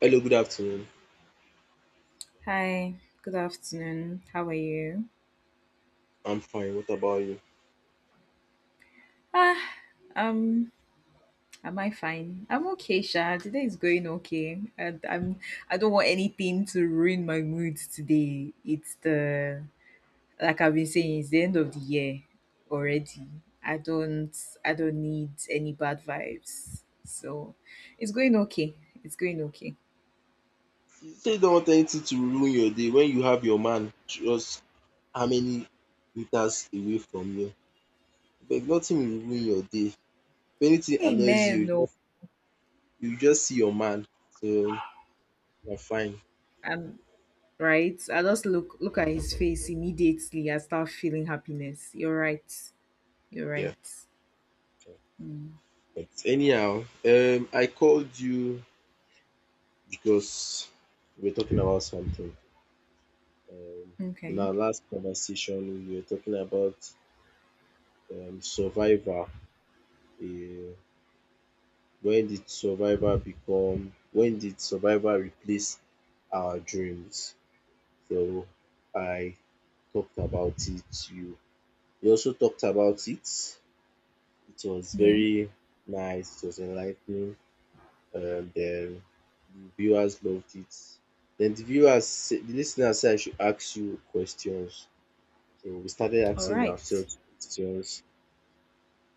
Hello, good afternoon. Hi, good afternoon. How are you? I'm fine. What about you? Ah, um, am I fine? I'm okay, Sha. Today is going okay. And I'm I don't want anything to ruin my mood today. It's the Like I've been saying, it's the end of the year already. I don't I don't need any bad vibes. So it's going okay. It's going okay. You say you don't want anything to ruin your day when you have your man just how many meters away from you. But nothing will ruin your day. If anything annoys you, Amen. No, you just see your man. So you're fine. I'm right. I just look at his face immediately. I start feeling happiness. You're right. You're Yeah. right. Mm, But anyhow, I called you because we're talking about something. Um in okay. our last conversation we were talking about survival. Um when did survival replace our dreams? So I talked about it, you also talked about it. It was Yeah. very nice, it was enlightening, and the viewers loved it. The listeners said I should ask you questions. So we started All asking right. ourselves questions.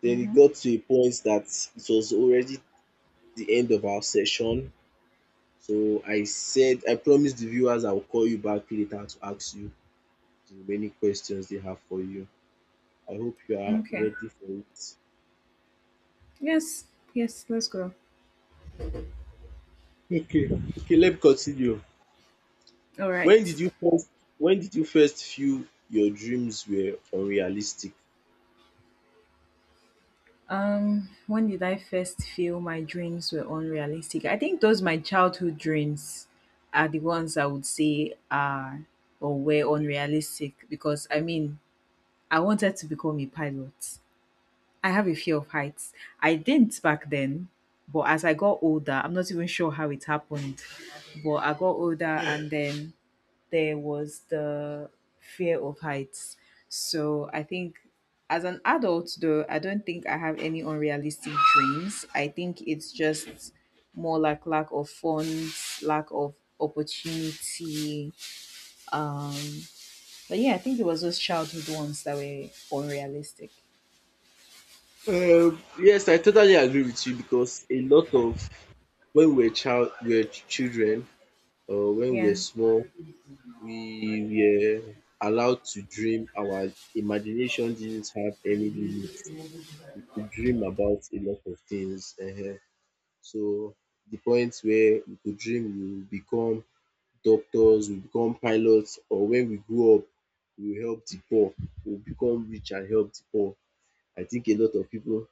Then it Mm-hmm. got to a point that it was already the end of our session. So I said I promised the viewers I'll call you back later to ask you the remaining questions they have for you. I hope you are Okay. ready for it. Yes. Yes. Let's go. Okay. Okay, let me continue. All right. When did you first when did you first feel your dreams were unrealistic? When did I first feel my dreams were unrealistic? I think those my childhood dreams are the ones I would say are or were unrealistic because I mean I wanted to become a pilot. I have a fear of heights. I didn't back then, but as I got older, I'm not even sure how it happened. But I got older and then there was the fear of heights. So I think as an adult, though, I don't think I have any unrealistic dreams. I think it's just more like lack of funds, lack of opportunity. Um, but yeah, I think it was those childhood ones that were unrealistic. Yes, I totally agree with you because a lot of when we were child, we were children, or when we were Yeah. small, we were allowed to dream. Our imagination didn't have any limit. We could dream about a lot of things. So the point where we could dream we will become doctors, we will become pilots, or when we grow up we will help the poor, we will become rich and help the poor. I think a lot of people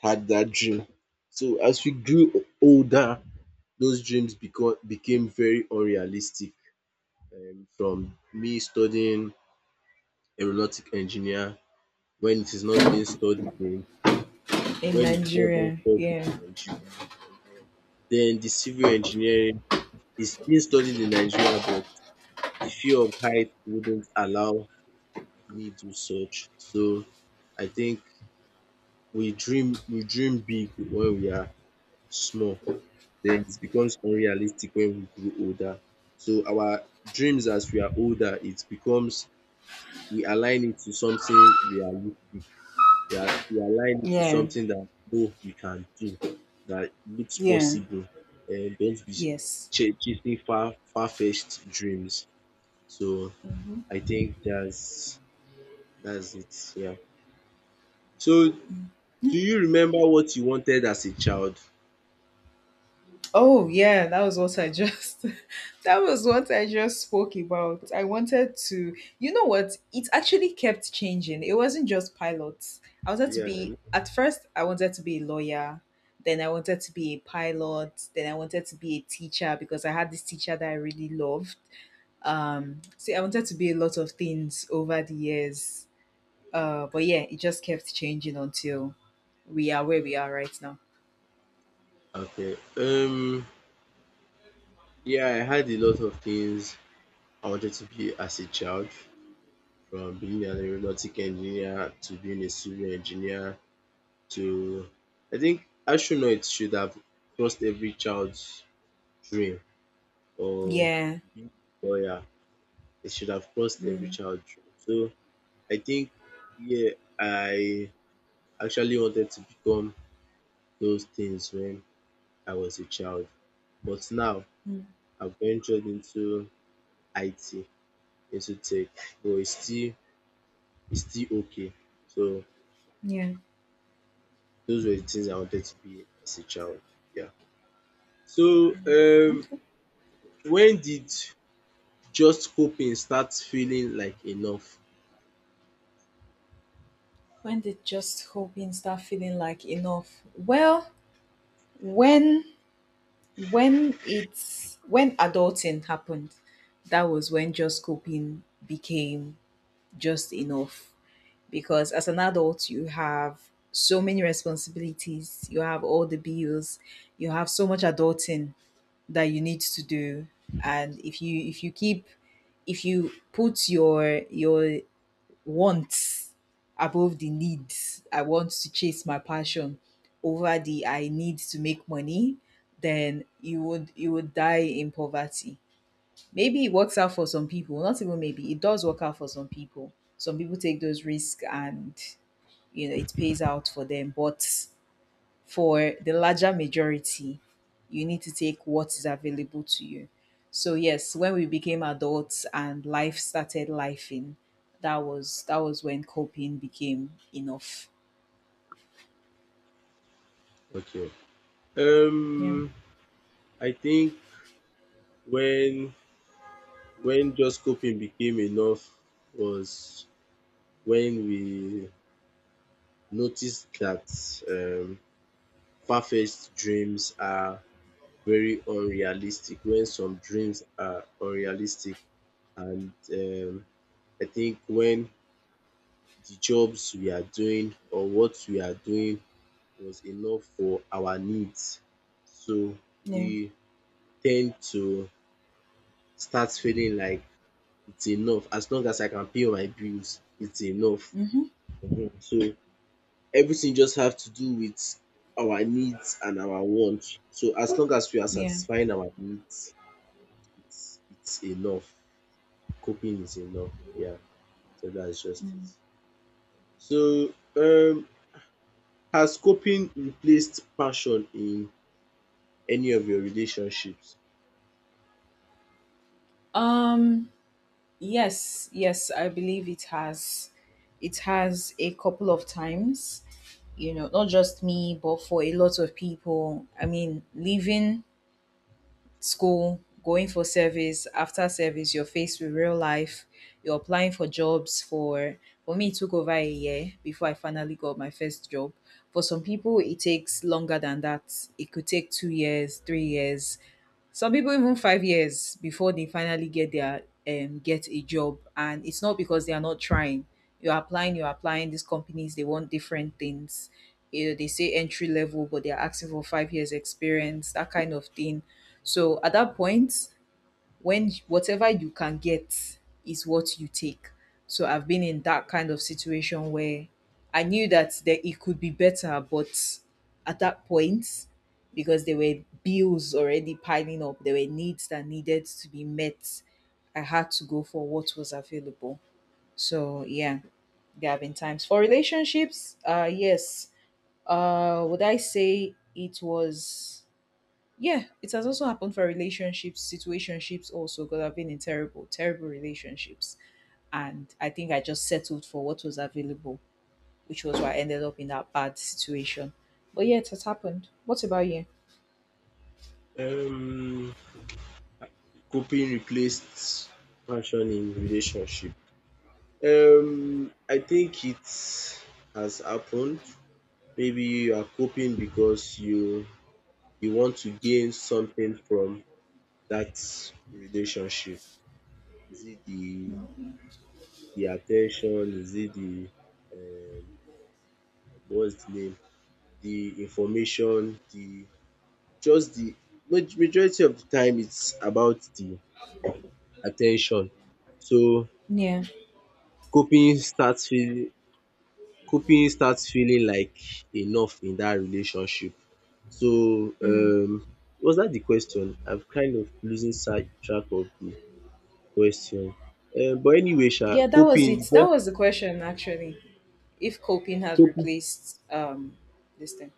had that dream. So as we grew older those dreams become became very unrealistic, from me studying aeronautic engineer when it is not being studied in In when it's not being Nigeria. studied Yeah. in Nigeria. For example. Then the civil engineering is being studied in Nigeria, but the fear of height wouldn't allow me to such. So I think we dream big when we are small. Then it becomes unrealistic when we grow older. So our dreams as we are older, it becomes we align it to something realistic. You align it to Yeah. something that both you can do, that looks Yeah. possible, and don't be Yes. Chasing far fetched dreams. So I think that's it. Yeah. So do you remember what you wanted as a child? Oh yeah, that was what I just that was what I just spoke about. I wanted to You know what? It actually kept changing. It wasn't just pilots. I wanted to Yeah. I be know. At first I wanted to be a lawyer, then I wanted to be a pilot, then I wanted to be a teacher because I had this teacher that I really loved. See, I wanted to be a lot of things over the years. But yeah, it just kept changing until we are where we are right now. Okay. Yeah, I had a lot of things I wanted to be as a child, from being an aeronautic engineer to being a civil engineer to I think astronaut should have crossed every child's dream, or Yeah. being a lawyer. It should have crossed every Mm, child's dream. So I think yeah, I actually wanted to become those things when I was a child. But now mm, I've ventured into IT, into tech, but it's still okay. So yeah. those were the things I wanted to be as a child. Yeah. So Okay. when did just coping starts feeling like enough. When did just hoping start feeling like enough? Well, when when adulting happened, that was when just coping became just enough. Because as an adult, you have so many responsibilities, you have all the bills, you have so much adulting that you need to do. And if you keep if you put your wants above the needs. I want to chase my passion over the I need to make money, then you would die in poverty. Maybe it works out for some people, not even maybe, it does work out for some people. Some people take those risks and you know it pays out for them, but for the larger majority, you need to take what is available to you. So yes, when we became adults and life started lifing, that was when coping became enough. Okay. Yeah. Um, I think when when just coping became enough was when we noticed that um, far-fetched dreams are very unrealistic. When some dreams are unrealistic, and I think when the jobs we are doing or what we are doing was enough for our needs, so Yeah. we tend to start feeling like it's enough. As long as I can pay my bills, it's enough. Mm-hmm. So everything just have to do with our needs and our wants. So as long as we are Yeah. satisfying our needs, it's enough. Coping is enough. Yeah. So that's just it. Mm. So has coping replaced passion in any of your relationships? Um, yes, yes, I believe it has. It has a couple of times, you know, not just me, but for a lot of people. I mean, living school, going for service, after service, you're faced with real life. You're applying for jobs For me it took over a year before I finally got my first job. For some people it takes longer than that. It could take 2 years, 3 years, some people even 5 years before they finally get their get a job. And it's not because they are not trying. You're applying these companies, they want different things. You know, they say entry level but they're asking for 5 years experience, that kind of thing. So at that point, when whatever you can get is what you take. So I've been in that kind of situation where I knew that there, it could be better, but at that point, because there were bills already piling up, there were needs that needed to be met, I had to go for what was available. So yeah, there have been times for relationships. Yes. Would I say it was Yeah, it has also happened for relationships, situationships also, because I've been in terrible, terrible relationships. And I think I just settled for what was available, which was why I ended up in that bad situation. But yeah, it has happened. What about you? Um coping replaced passion in relationship. I think it has happened. Maybe you are coping because you want to gain something from that relationship. Is it the attention? Is it the um, what's the name? The information? The Just the majority of the time it's about the attention. So Yeah. coping starts feeling coping starts feeling like enough in that relationship. So was dat de question? I'm kind of losing side track of de question. Um, but anyway sha Yeah, that coping was you it. That just was the question actually. If coping has coping. replaced this thing.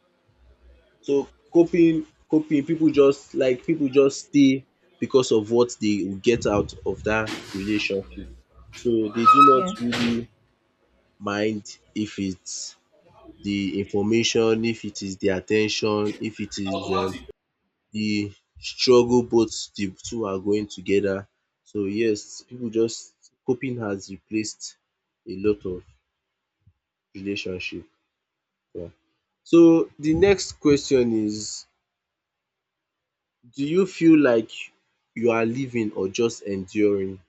So coping pipu just like pipu just stay because of what dey will get out of dat relationship. So dey do not Yeah. really mind if it's de information, if it is de at ten tion, if it is the struggle, both the two are going together. So yes, people just coping has replaced a lot of relationship. Yeah. So the next question is do you feel like you are living or just enduring?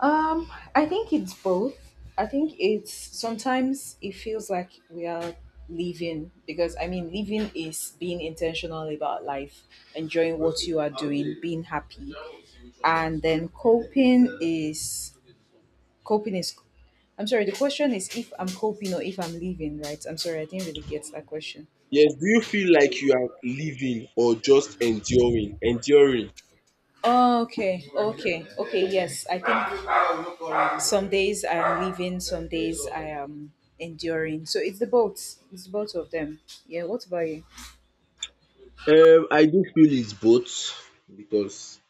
I think it's both. I think it's Sometimes it feels like we are living because I mean, living is being intentional about life, enjoying what you are doing, being happy, and then coping is. I'm sorry. The question is if I'm coping or if I'm living, right? I'm sorry, I didn't really get that question. Yes, do you feel like you are living or just enduring? Enduring. Oh, okay, okay, okay. Yes, I think some days I'm leaving, some days I am enduring. So it's the both. It's both of them. Yeah. What about you? I do feel it's both because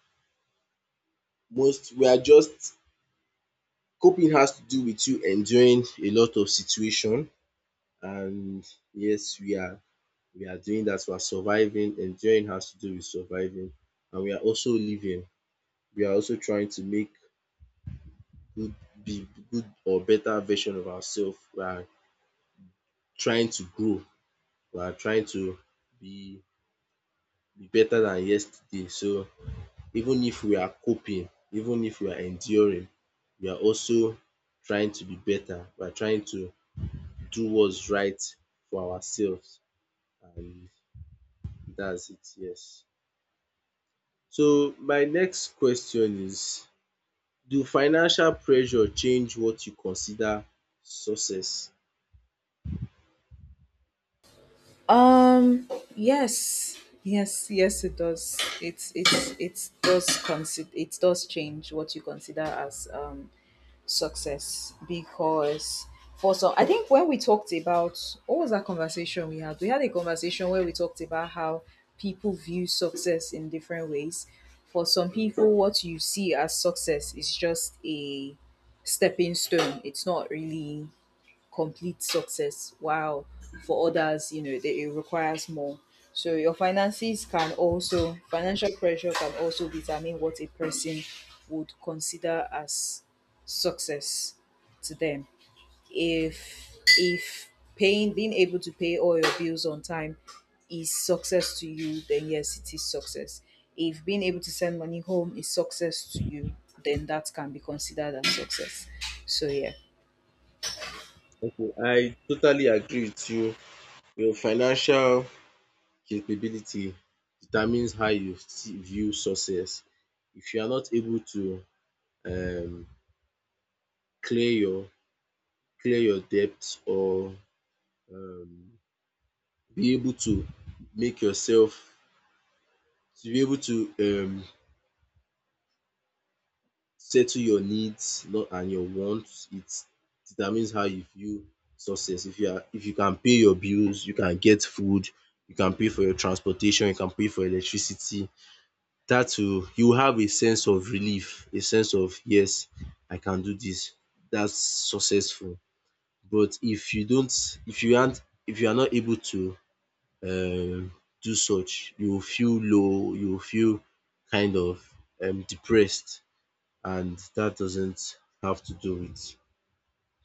most we are just coping has to do with you enduring a lot of situation, and yes we are doing that, we are surviving, enduring has to do with surviving, and we are also living, we are also trying to make good, be good or better version of ourselves. We are trying to grow, we are trying to be be better than yesterday. So even if we are coping, even if we are enduring, we are also trying to be better, we are trying to do what's right for ourselves, and that's it, yes. So my next question is do financial pressure change what you consider success? Um. Yes. Yes. Yes. It does. It does. Consider. It does change what you consider as success. Because for some, I think when we talked about, what was that conversation we had a conversation where we talked about how people view success in different ways. For some Yes, people what you see as success is just a stepping stone, it's not really complete success, while for others, you know, they, it requires more. So your finances can also, financial pressure can also determine what a person would consider as success to them. If if paying, being able to pay all your bills on time is success to you, then yes, it is success. If being able to send money home is success to you, then that can be considered as success. So yeah. okay, I totally agree with you. Your financial capability determines how you see view success. If you are not able to um clear your clear your debt or um be able to make yourself to be able to settle your needs and your wants. It determines how you view success. If you are if you can pay your bills, you can get food, you can pay for your transportation, you can pay for electricity, dat will you will have a sense of relief, a sense of yes I can do dis, dats successful. But if you don't if you are not able to um do such, you will feel low, you will feel kind of depressed. And that doesn't have to do with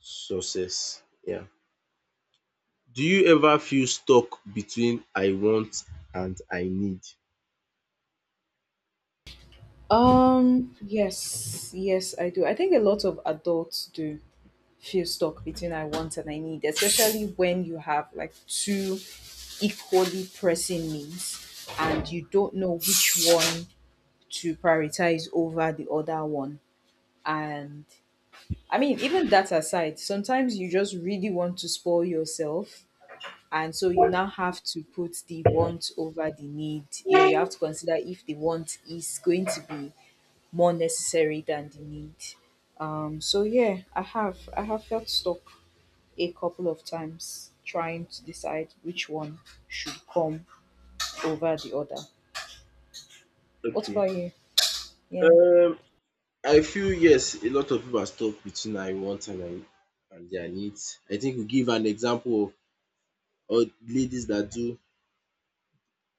success. Yeah. Do you ever feel stuck between I want and I need? Yes, yes, I do. I think a lot of adults do feel stuck between I want and I need, especially when you have like two equally pressing needs and you don't know which one to prioritize over the other one. And I mean, even that aside, sometimes you just really want to spoil yourself. And so you now have to put the want over the need. You know, you have to consider if the want is going to be more necessary than the need. So yeah, I have felt stuck a couple of times trying to decide which one should come over the other. What Okay. about you? Yeah, Um, I feel yes, a lot of people are stuck between I want and I and their needs. I think we give an example of all ladies that do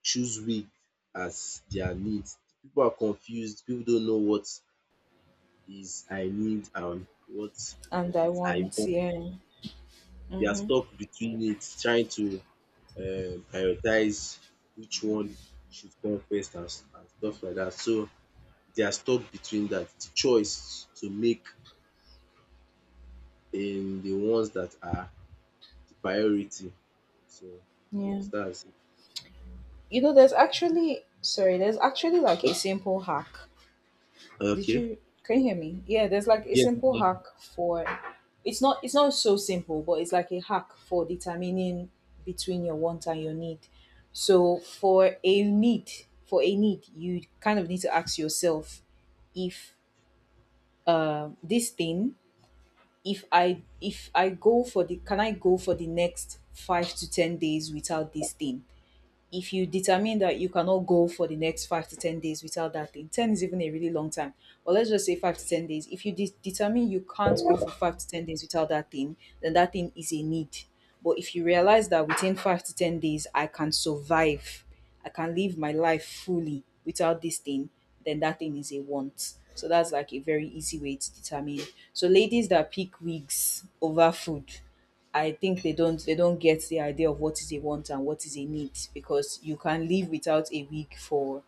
choose wig as their needs. People are confused. People don't know what is I need and what and I is I want, want. yeah, They are mm-hmm, stuck between it, trying to prioritize which one should come first and and stuff like that. So they are stuck between that the choice to make in the ones that are the priority. So yeah. yes, that's You know, there's actually like it. a simple hack. Did Okay. you, can you hear me? Yeah, there's like a Yes. simple hack for it's not so simple, but it's like a hack for determining between your want and your need. So for a need, you kind of need to ask yourself if this thing, if I go for the, can I go for the next 5 to 10 days without this thing? If you determine that you cannot go for the next 5 to 10 days without that thing, ten is even a really long time. But let's just say 5 to 10 days. If you determine you can't go for 5 to 10 days without that thing, then that thing is a need. But if you realize that within 5 to 10 days I can survive, I can live my life fully without this thing, then that thing is a want. So that's like a very easy way to determine. So ladies that pick wigs over food, I think they don't get the idea of what is a want and what is a need, because you can live without a wig for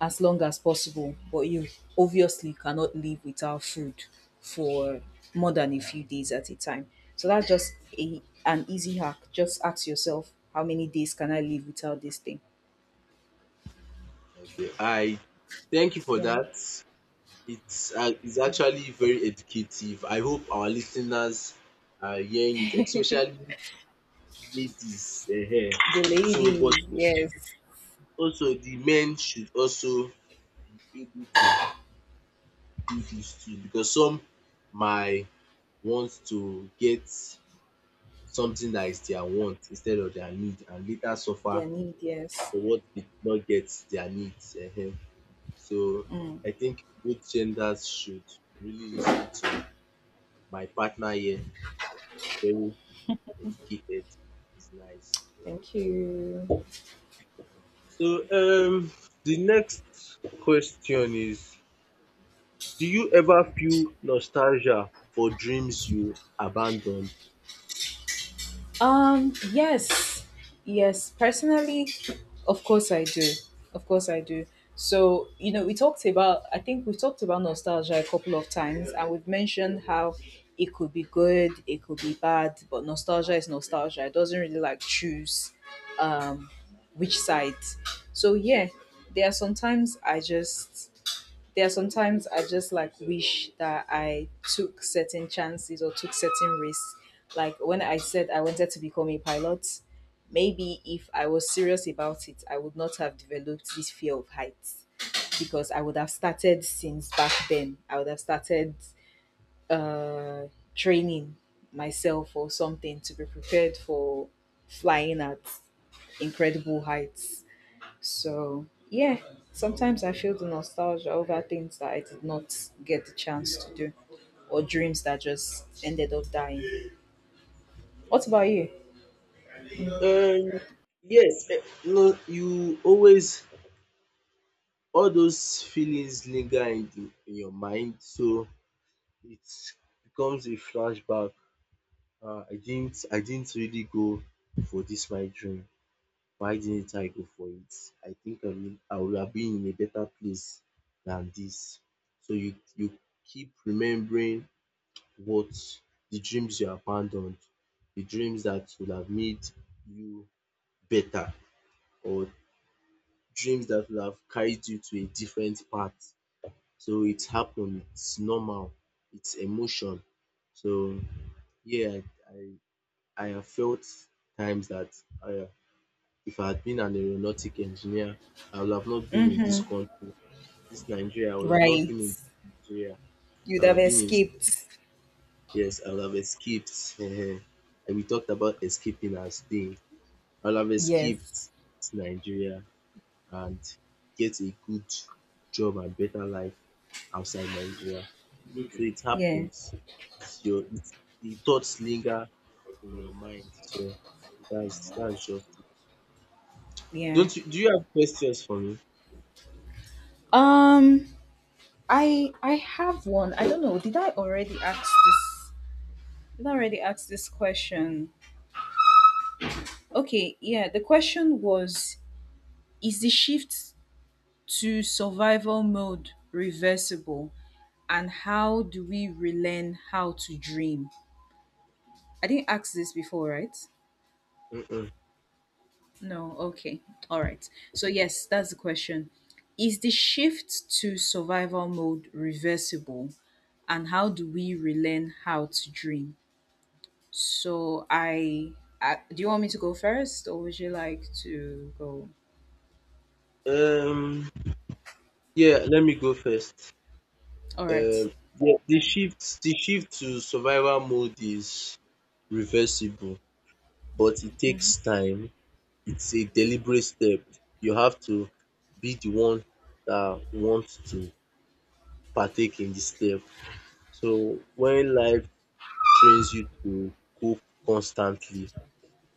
as long as possible, but you obviously cannot live without food for more than a few days at a time. So that's just a an easy hack. Just ask yourself, how many days can I live without this thing? Okay, I thank you for Yeah. that. It's actually very educative. I hope our listeners are hearing it, especially ladies. The So but ladies, yes. also the men should also able to do this too because some might want to get something that is their want instead of their need and later suffer Their need, yes. for what did not get their needs. Ehen. So I think both genders should really listen to my partner here. She's very educated. It's nice. Thank you. Yeah. So the next question is do you ever feel nostalgia for dreams you abandoned? Yes, yes, personally, of course I do. Of course I do. So, you know, we talked about, I think we've talked about nostalgia a couple of times, and we've mentioned how it could be good, it could be bad, but nostalgia is nostalgia. It doesn't really like choose um, which side. So, yeah, there are sometimes I just there are sometimes I just like wish that I took certain chances or took certain risks. Like when I said I wanted to become a pilot, maybe if I was serious about it, I would not have developed this fear of heights because I would have started since back then. I would have started uh, training myself or something to be prepared for flying at incredible heights. So, yeah, sometimes I feel the nostalgia over things that I did not get the chance to do or dreams that just ended up dying. What about you? Um, yes, eh, you know, you always all those feelings linger in in your mind, so it becomes a flashback. I didn't really go for this my dream. Why didn't I go for it? I think I would have been in a better place than this. So you keep remembering what the dreams you abandoned, the dreams that would have made you better, or dreams that would have carried you to a different path. So it happened. It's normal. It's emotion. So yeah, I I have felt times that I, if I had been an aeronautic engineer, I would have not been in this country, this Nigeria. I would have not Right. been in Nigeria. I You'd would have have been in escaped. yes. I would have escaped. And we talked about escaping as thing. I would have escaped Yes. Nigeria and get a good job and better life outside Nigeria. So it Yeah, happens. It's your it, the thoughts linger in your mind. So that's just it. yeah. Don't you Do you have questions for me? Um, I have one. I don't know. Did I already ask this? Did I already ask this question? Okay, yeah. The question was: is the shift to survival mode reversible? And how do we relearn how to dream? I didn't ask this before, right? Mm-mm. No, okay. All right. So, yes, that's the question. Is the shift to survival mode reversible? And how do we relearn how to dream? So, I do you want me to go first or would you like to go? Um yeah, let me go first. All Um right. yeah, All right. The shift to survival mode is reversible, but it takes time, it's a deliberate step. You have to be the one that wants to partake in the step. So when life trains you to cope constantly,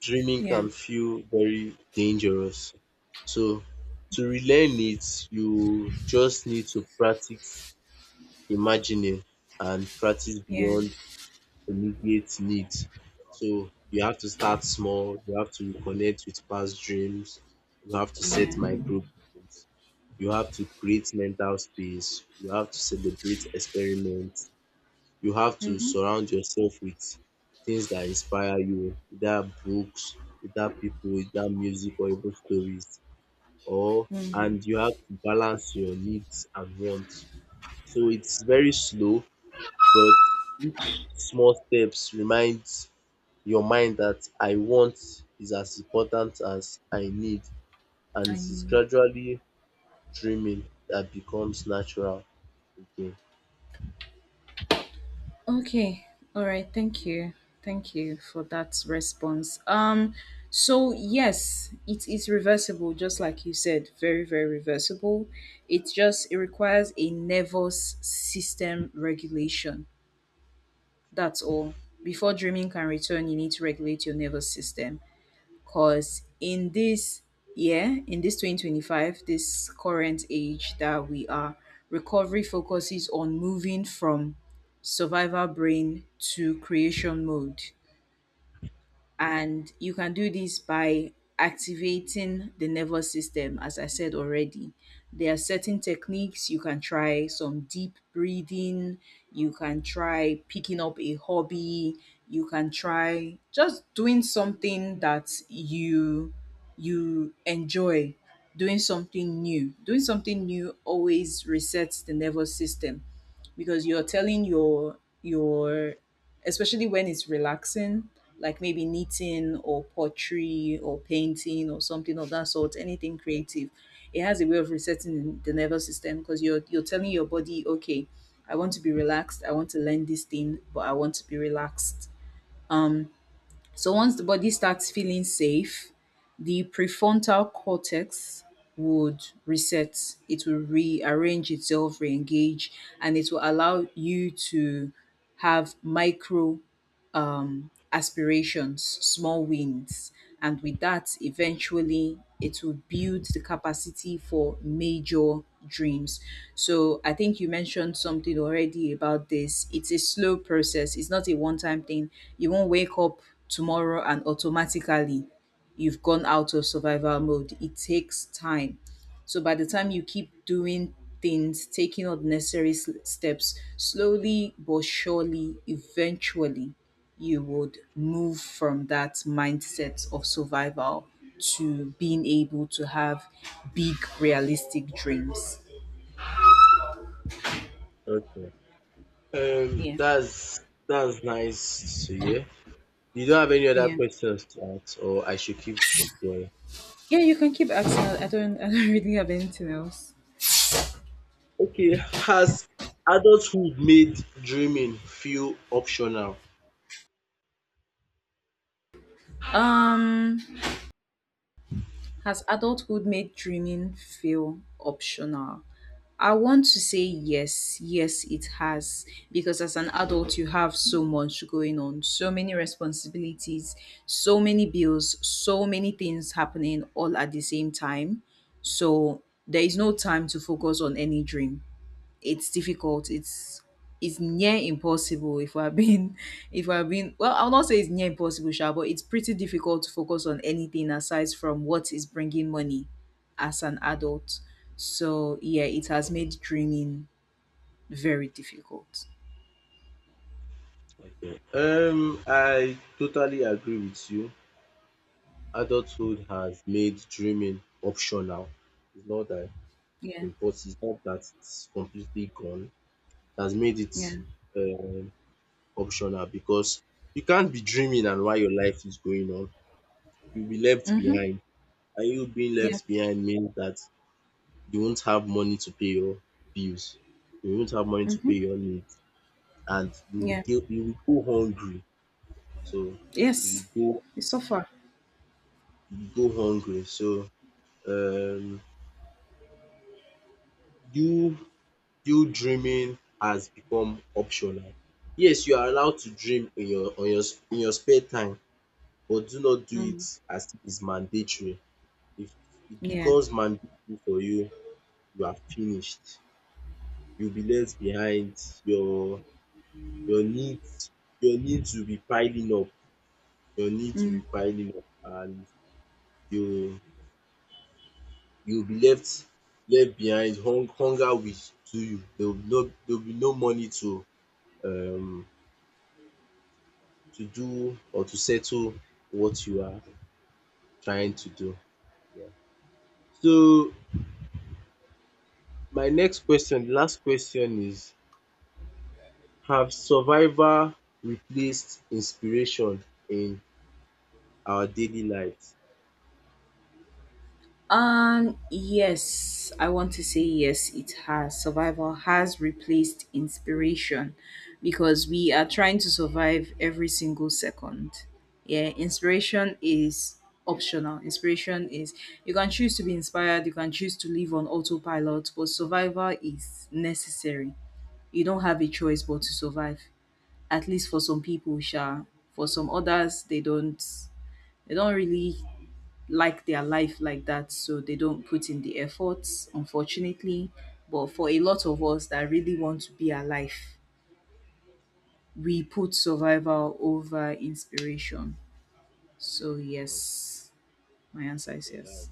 dreaming Yeah. can feel very dangerous. So to relearn it, you just need to practice imagining and practice Yeah. beyond alleviate needs. So you have to start small, you have to reconnect with past dreams, you have to set Yeah. micro goals, you have to create mental space, you have to celebrate experiments, you have to Mm-hmm. surround yourself with things that inspire you, either books, either people, either music, or even stories. Or and you have to balance your needs and wants. So it's very slow, but small steps reminds your mind that I want is as important as I need, and I it is knew. gradually dreaming that becomes natural again. Okay. All right. Thank you. Thank you for that response. So yes, it is reversible just like you said, very very reversible. It requires a nervous system regulation. That's all. Before dreaming can return, you need to regulate your nervous system. Because in this year, in this 2025, this current age that we are, recovery focuses on moving from survival brain to creation mode, and you can do this by activating the nervous system. As I said already, there are certain techniques you can try. Some deep breathing, you can try picking up a hobby, you can try just doing something that you enjoy. Doing something new, doing something new always resets the nervous system because you're telling your especially when it's relaxing, like maybe knitting or pottery or painting or something of that sort, anything creative. It has a way of resetting the nervous system because you're telling your body, okay, I want to be relaxed, I want to learn this thing, but I want to be relaxed. So once the body starts feeling safe, the prefrontal cortex would reset. It will rearrange itself, re-engage, and it will allow you to have micro aspirations, small wins, and with that, eventually it will build the capacity for major dreams. So I think you mentioned something already about this. It's a slow process, it's not a one time thing. You won't wake up tomorrow and automatically you've gone out of survival mode. It takes time. So by the time you keep doing things, taking all the necessary steps, slowly but surely, eventually, you would move from that mindset of survival to being able to have big realistic dreams. Okay. Yeah. That's nice to hear. You don't have any other Yeah. questions to ask, or I should keep going. Yeah, you can keep asking. I don't really have anything else. Okay. Has adulthood made dreaming feel optional? um Has adulthood made dreaming feel optional? I want to say yes. Yes, it has. Because as an adult, you have so much going on, so many responsibilities, so many bills, so many things happening all at the same time. So there is no time to focus on any dream. It's difficult. It's near impossible if we're being if we're being well, I'll not say it's near impossible, Sha, but it's pretty difficult to focus on anything aside from what is bringing money as an adult. So yeah, it has made dreaming very difficult. Okay. I totally agree with you. Adulthood has made dreaming optional. It's not that Yeah, but it's not that it's completely gone. It has made it yeah. um optional because you can't be dreaming and while your life is going on, you'll be left Mm-hmm. behind. And you being Yeah. left behind means that you won't have money to pay your bills, you won't have money to pay Mm-hmm. your needs, and Yeah. You will go hungry. So you Yes. will go It's so far. you will go hungry. So um you you dreaming has become optional. Yes, you are allowed to dream in your on your in your spare time, but do not do it Mm. as it is mandatory. If it Yeah. becomes mandatory for you, you are finished. You'll be left behind. Your your needs, your needs will be piling up. Your needs will be Mm. piling up and you you'll be left behind. Hunger will do you. There will be no money um to do or to settle what you are trying to do. Yeah. So my next question, the last question is have survival replaced inspiration in our daily lives? Yes, I want to say yes, it has. Survival has replaced inspiration because we are trying to survive every single second. Yeah, inspiration is optional. Inspiration is you can choose to be inspired, you can choose to live on autopilot, but survival is necessary. You don't have a choice but to survive. At least for some people, sure. For some others, they don't really like their life like that, so they don't put in the efforts, unfortunately, but for a lot of us that really want to be alive, we put survival over inspiration. So yes, my answer is yes.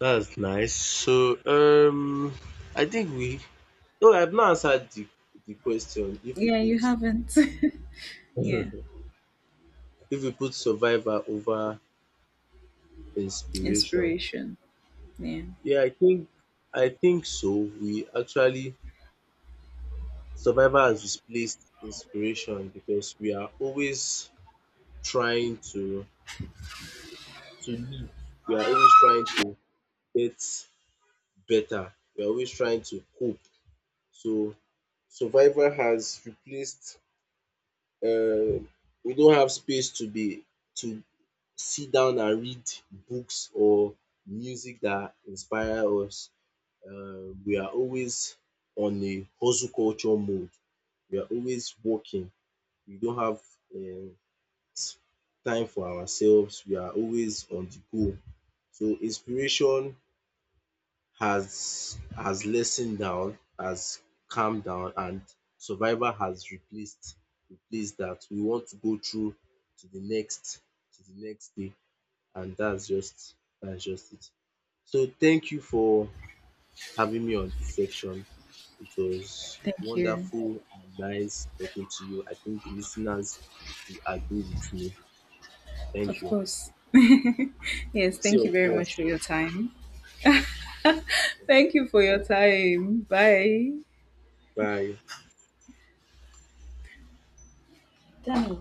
That's nice. So I think we no I've not answered the question if we Yeah, you put haven't. Yeah. if we put Survivor over inspiration. Inspiration. Yeah, Yeah, I think so. We actually Survival has displaced inspiration because we are always trying to live. We are always trying to get better. We are always trying to cope. So survival has replaced uh, we don't have space to be to sit down and read books or music that inspire us. We are always on a hustle culture mode. We are always working. We don't have um time for ourselves. We are always on the go. So inspiration has lessened down, has calmed down, and survival has replaced that. We want to go through to the next day, and that's just it. So thank you for having me on this section. It was thank you. wonderful and nice talking to you. I think the listeners will agree with me. Thank Of you. course. Yes, thank you Seu very corpo much for your time. Thank you for your time. Bye, vai Danny.